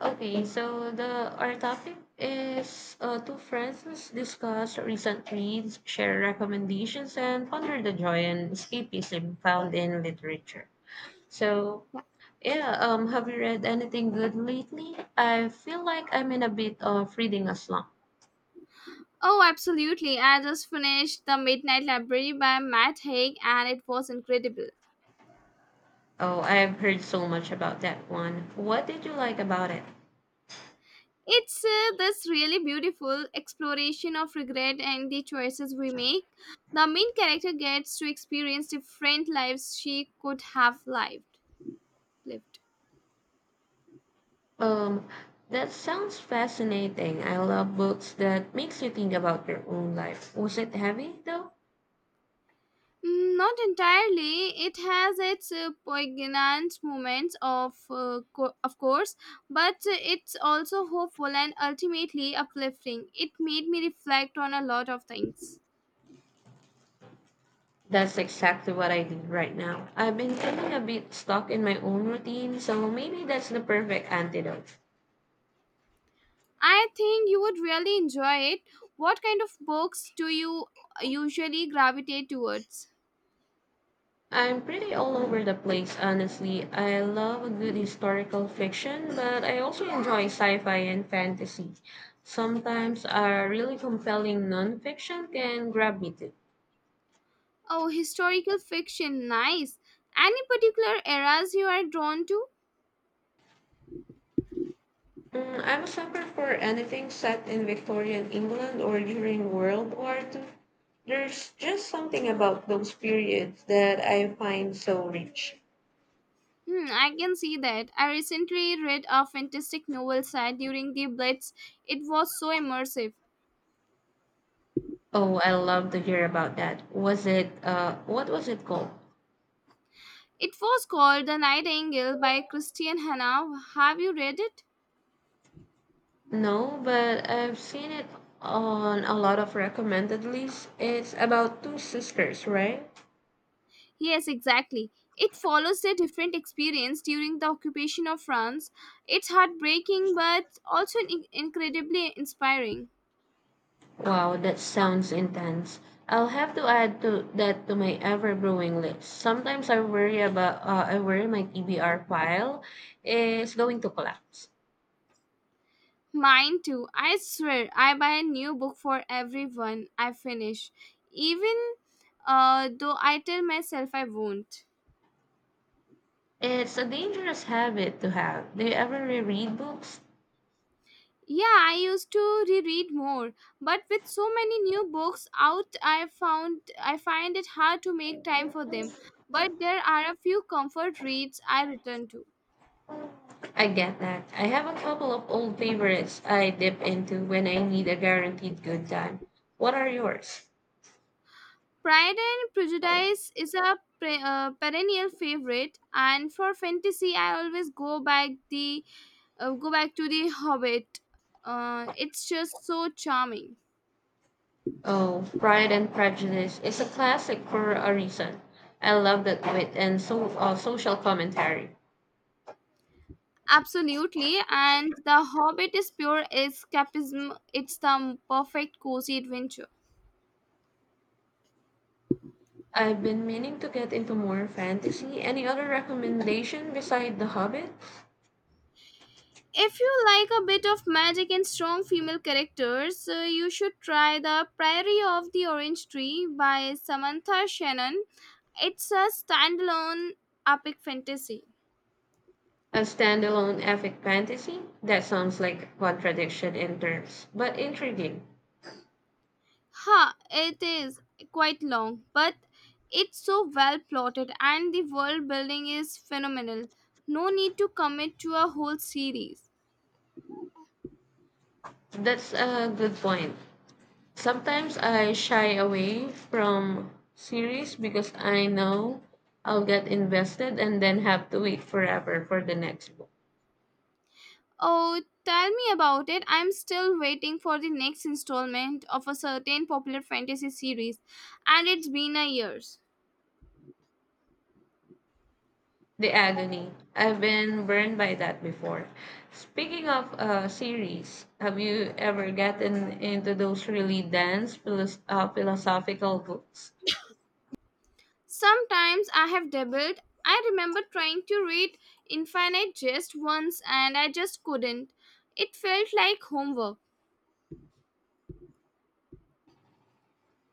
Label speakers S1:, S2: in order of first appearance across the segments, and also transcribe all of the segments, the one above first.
S1: Okay, so the our topic is two friends discuss recent reads, share recommendations, and ponder the joy and escapism found in literature. So yeah, have you read anything good lately? I feel like I'm in a bit of reading a slump.
S2: Oh, absolutely. I just finished The Midnight Library by Matt Haig and it was incredible.
S1: Oh, I've heard so much about that one. What did you like about it?
S2: It's this really beautiful exploration of regret and the choices we make. The main character gets to experience different lives she could have lived.
S1: Um, that sounds fascinating. I love books that makes you think about your own life. Was it heavy though?
S2: Mm, not entirely. It has its poignant moments, of course, but it's also hopeful and ultimately uplifting. It made me reflect on a lot of things.
S1: That's exactly what I do right now. I've been feeling a bit stuck in my own routine, so maybe that's the perfect antidote.
S2: I think you would really enjoy it. What kind of books do you usually gravitate towards?
S1: I'm pretty all over the place, honestly. I love a good historical fiction, but I also enjoy sci fi and fantasy. Sometimes a really compelling nonfiction can grab me too.
S2: Oh, historical fiction, nice. Any particular eras you are drawn to?
S1: Mm, I'm a sucker for anything set in Victorian England or during World War Two. There's just something about those periods that I find so rich.
S2: Hmm, I can see that. I recently read a fantastic novel set during the Blitz. It was so immersive.
S1: Oh, I love to hear about that. Was it what was it called?
S2: It was called The Nightingale by Christian Hannah. Have you read it?
S1: No, but I've seen it on a lot of recommended lists. It's about two sisters, right?
S2: Yes, exactly. It follows their different experience during the occupation of France. It's heartbreaking but also incredibly inspiring.
S1: Wow, that sounds intense. I'll have to add to that to my ever brewing list. Sometimes I worry about I worry my TBR file is going to collapse.
S2: Mine too. I swear, I buy a new book for everyone I finish, even though I tell myself I won't.
S1: It's a dangerous habit to have. Do you ever reread books?
S2: Yeah, I used to reread more, but with so many new books out, I find it hard to make time for them. But there are a few comfort reads I return to.
S1: I get that. I have a couple of old favorites I dip into when I need a guaranteed good time. What are yours?
S2: Pride and Prejudice is a perennial favorite, and for fantasy, I always go back the go back to the Hobbit. It's just so charming.
S1: Oh, Pride and Prejudice is a classic for a reason. I love that wit and social commentary.
S2: Absolutely, and the Hobbit is pure escapism. It's the perfect cozy adventure.
S1: I've been meaning to get into more fantasy. Any other recommendation beside The Hobbit?
S2: If you like a bit of magic and strong female characters, you should try The Priory of the Orange Tree by Samantha Shannon. It's a standalone epic fantasy.
S1: A standalone epic fantasy? That sounds like a contradiction in terms, but intriguing.
S2: Ha, it is quite long, but it's so well plotted and the world building is phenomenal. No need to commit to a whole series.
S1: That's a good point. Sometimes I shy away from series because I know I'll get invested and then have to wait forever for the next book.
S2: Oh, tell me about it. I'm still waiting for the next installment of a certain popular fantasy series, and it's been a year.s
S1: The agony. I've been burned by that before. Speaking of series, have you ever gotten into those really dense philosophical books?
S2: Sometimes I have doubled. I remember trying to read Infinite just once, and I just couldn't. It felt like homework.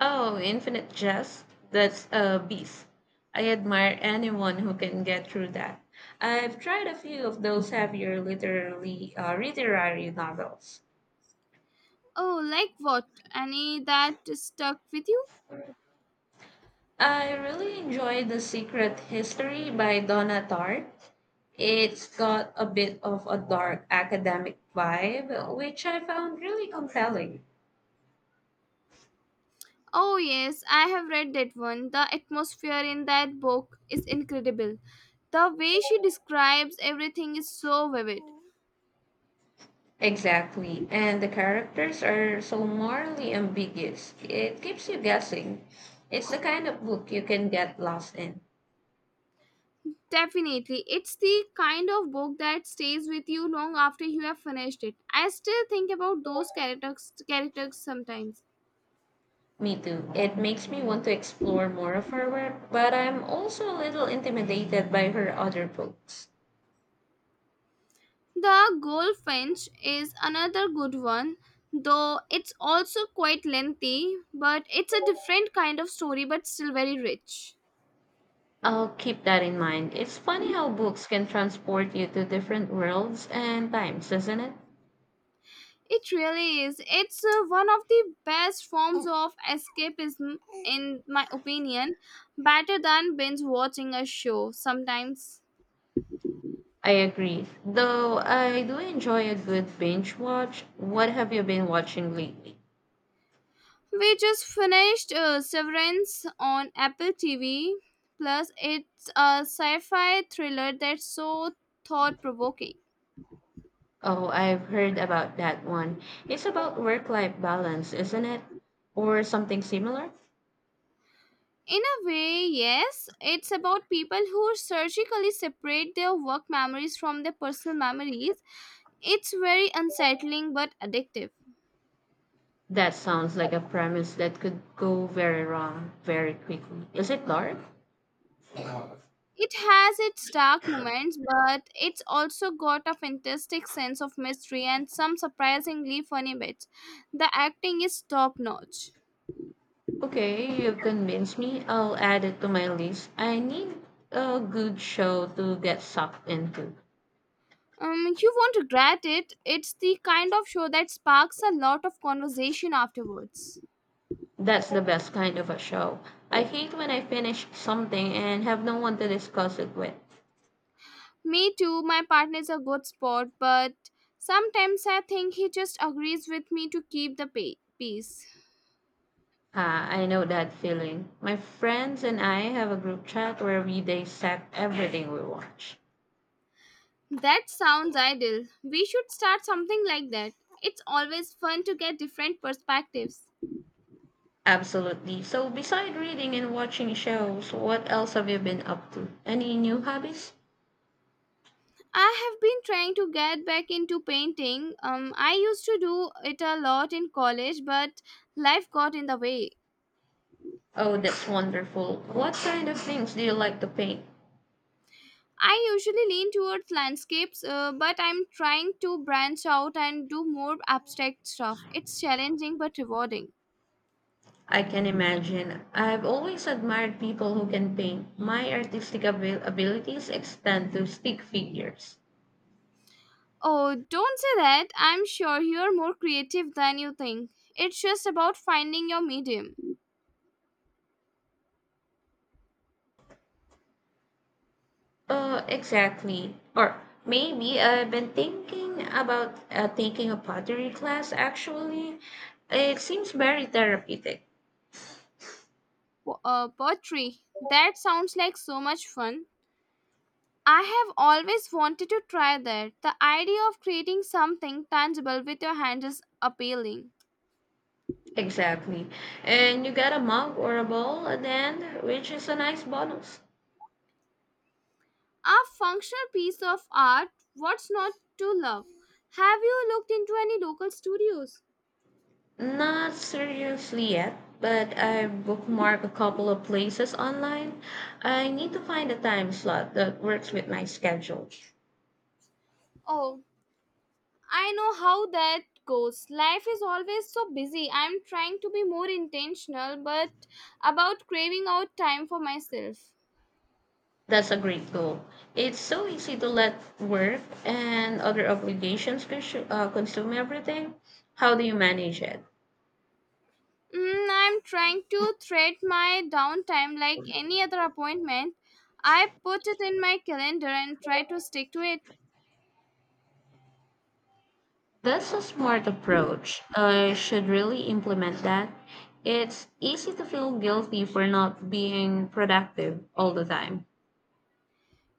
S1: Oh, Infinite Jest. That's a beast. I admire anyone who can get through that. I've tried a few of those heavier literary novels.
S2: Oh, like what? Any that stuck with you?
S1: I really enjoyed The Secret History by Donna Tartt. It's got a bit of a dark academic vibe, which I found really compelling.
S2: Oh, yes, I have read that one. The atmosphere in that book is incredible. The way she describes everything is so vivid.
S1: Exactly. And the characters are so morally ambiguous. It keeps you guessing. It's the kind of book you can get lost in.
S2: Definitely. It's the kind of book that stays with you long after you have finished it. I still think about those characters sometimes.
S1: Me too. It makes me want to explore more of her work, but I'm also a little intimidated by her other books.
S2: The Goldfinch is another good one, though it's also quite lengthy, but it's a different kind of story but still very rich.
S1: I'll keep that in mind. It's funny how books can transport you to different worlds and times, isn't it?
S2: It really is. It's one of the best forms of escapism in my opinion, better than binge watching a show sometimes.
S1: I agree. Though I do enjoy a good binge watch. What have you been watching lately?
S2: We just finished Severance on Apple TV. Plus, it's a sci fi thriller that's so thought provoking.
S1: Oh, I've heard about that one. It's about work-life balance, isn't it? Or something similar?
S2: In a way, yes, it's about people who surgically separate their work memories from their personal memories. It's very unsettling but addictive.
S1: That sounds like a premise that could go very wrong very quickly. Is it dark?
S2: It has its dark moments, but it's also got a fantastic sense of mystery and some surprisingly funny bits. The acting is top notch.
S1: Okay, you've convinced me. I'll add it to my list. I need a good show to get sucked into.
S2: You won't regret it. It's the kind of show that sparks a lot of conversation afterwards.
S1: That's the best kind of a show. I hate when I finish something and have no one to discuss it with.
S2: Me too, my partner's a good sport, but sometimes I think he just agrees with me to keep the peace.
S1: Ah, I know that feeling. My friends and I have a group chat where we dissect everything we watch.
S2: That sounds ideal. We should start something like that. It's always fun to get different perspectives.
S1: Absolutely. So, beside reading and watching shows, what else have you been up to? Any new hobbies?
S2: I have been trying to get back into painting. I used to do it a lot in college, but life got in the way.
S1: Oh, that's wonderful. What kind of things do you like to paint?
S2: I usually lean towards landscapes, but I'm trying to branch out and do more abstract stuff. It's challenging but rewarding.
S1: I can imagine. I've always admired people who can paint. My abilities extend to stick figures.
S2: Oh, don't say that. I'm sure you're more creative than you think. It's just about finding your medium.
S1: Exactly. Or maybe I've been thinking about taking a pottery class actually. It seems very therapeutic.
S2: Poetry. That sounds like so much fun. I have always wanted to try that. The idea of creating something tangible with your hands is appealing.
S1: Exactly. And you got a mug or a bowl at the end, which is a nice bonus.
S2: A functional piece of art, what's not to love? Have you looked into any local studios?
S1: Not seriously yet, but I bookmarked a couple of places online. I need to find a time slot that works with my schedule.
S2: Oh, I know how that goes. Life is always so busy. I'm trying to be more intentional, but about craving out time for myself.
S1: That's a great goal. It's so easy to let work and other obligations consume everything. How do you manage it?
S2: Mm, I'm trying to thread my downtime like any other appointment. I put it in my calendar and try to stick to it.
S1: That's a smart approach. I should really implement that. It's easy to feel guilty for not being productive all the time.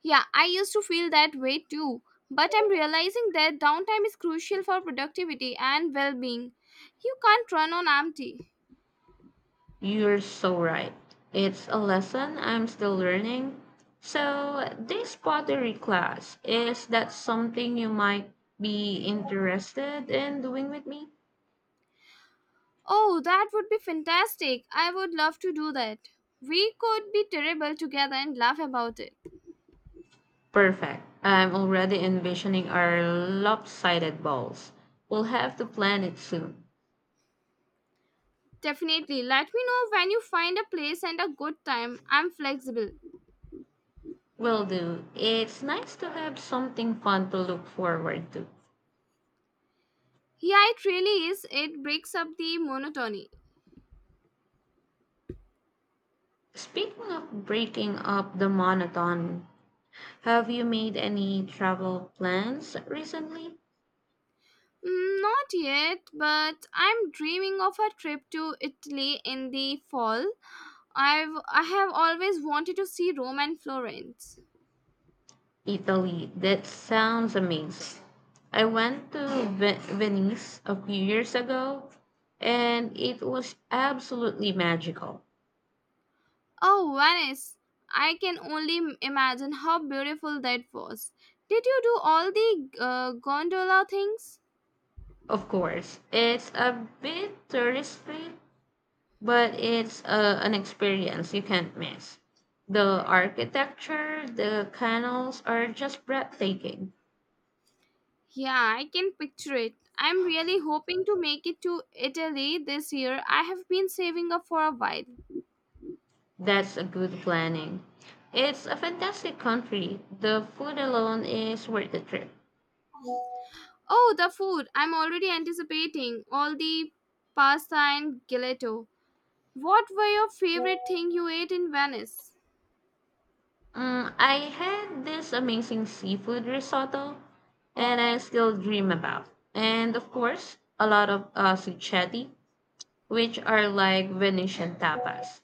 S2: Yeah, I used to feel that way too, but I'm realizing that downtime is crucial for productivity and well being. You can't run on empty.
S1: You're so right. It's a lesson I'm still learning. So, this pottery class, is that something you might be interested in doing with me?
S2: Oh, that would be fantastic. I would love to do that. We could be terrible together and laugh about it.
S1: Perfect. I'm already envisioning our lopsided balls. We'll have to plan it soon.
S2: Definitely. Let me know when you find a place and a good time. I'm flexible.
S1: Will do. It's nice to have something fun to look forward to.
S2: Yeah, it really is. It breaks up the monotony.
S1: Speaking of breaking up the monotony, have you made any travel plans recently?
S2: Mm, not yet, but I'm dreaming of a trip to Italy in the fall. I have always wanted to see Rome and Florence.
S1: Italy. That sounds amazing. I went to Venice a few years ago and it was absolutely magical.
S2: Oh, Venice. I can only imagine how beautiful that was. Did you do all the gondola things?
S1: Of course, it's a bit touristy, but it's an experience you can't miss. The architecture, the canals are just breathtaking.
S2: Yeah, I can picture it. I'm really hoping to make it to Italy this year. I have been saving up for a while.
S1: That's a good planning. It's a fantastic country. The food alone is worth the trip.
S2: Oh, the food. I'm already anticipating all the pasta and gelato. What were your favorite thing you ate in Venice?
S1: Mm, I had this amazing seafood risotto, and I still dream about. And of course, a lot of succetti, which are like Venetian tapas.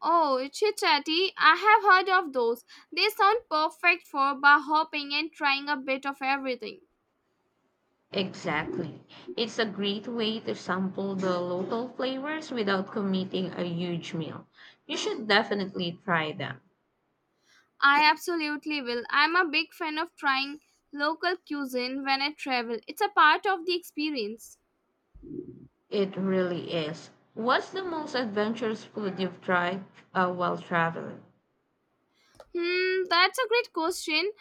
S2: Oh, chit chatty! I have heard of those. They sound perfect for bar hopping and trying a bit of everything.
S1: Exactly. It's a great way to sample the local flavors without committing a huge meal. You should definitely try them.
S2: I absolutely will. I'm a big fan of trying local cuisine when I travel. It's a part of the experience.
S1: It really is. What's the most adventurous food you've tried while traveling?
S2: Hmm, that's a great question.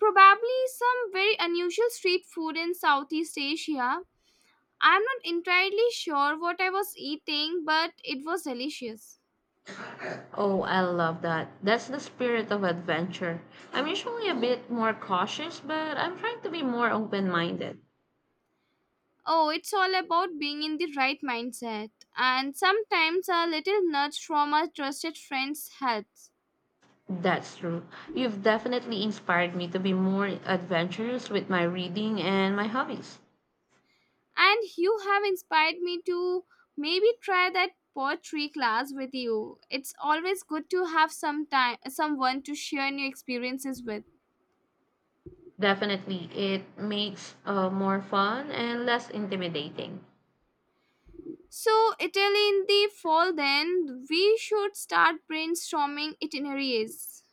S2: Probably some very unusual street food in Southeast Asia. I'm not entirely sure what I was eating, but it was delicious.
S1: Oh, I love that. That's the spirit of adventure. I'm usually a bit more cautious, but I'm trying to be more open minded.
S2: Oh, it's all about being in the right mindset. And sometimes a little nudge from a trusted friend helps.
S1: That's true. You've definitely inspired me to be more adventurous with my reading and my hobbies.
S2: And you have inspired me to maybe try that poetry class with you. It's always good to have some time someone to share new experiences with.
S1: Definitely, it makes more fun and less intimidating.
S2: So, Italy in the fall then, we should start brainstorming itineraries.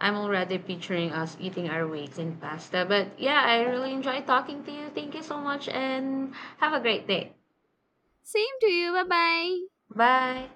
S1: I'm already picturing us eating our weights in pasta. But yeah, I really enjoyed talking to you. Thank you so much and have a great day.
S2: Same to you. Bye-bye.
S1: Bye.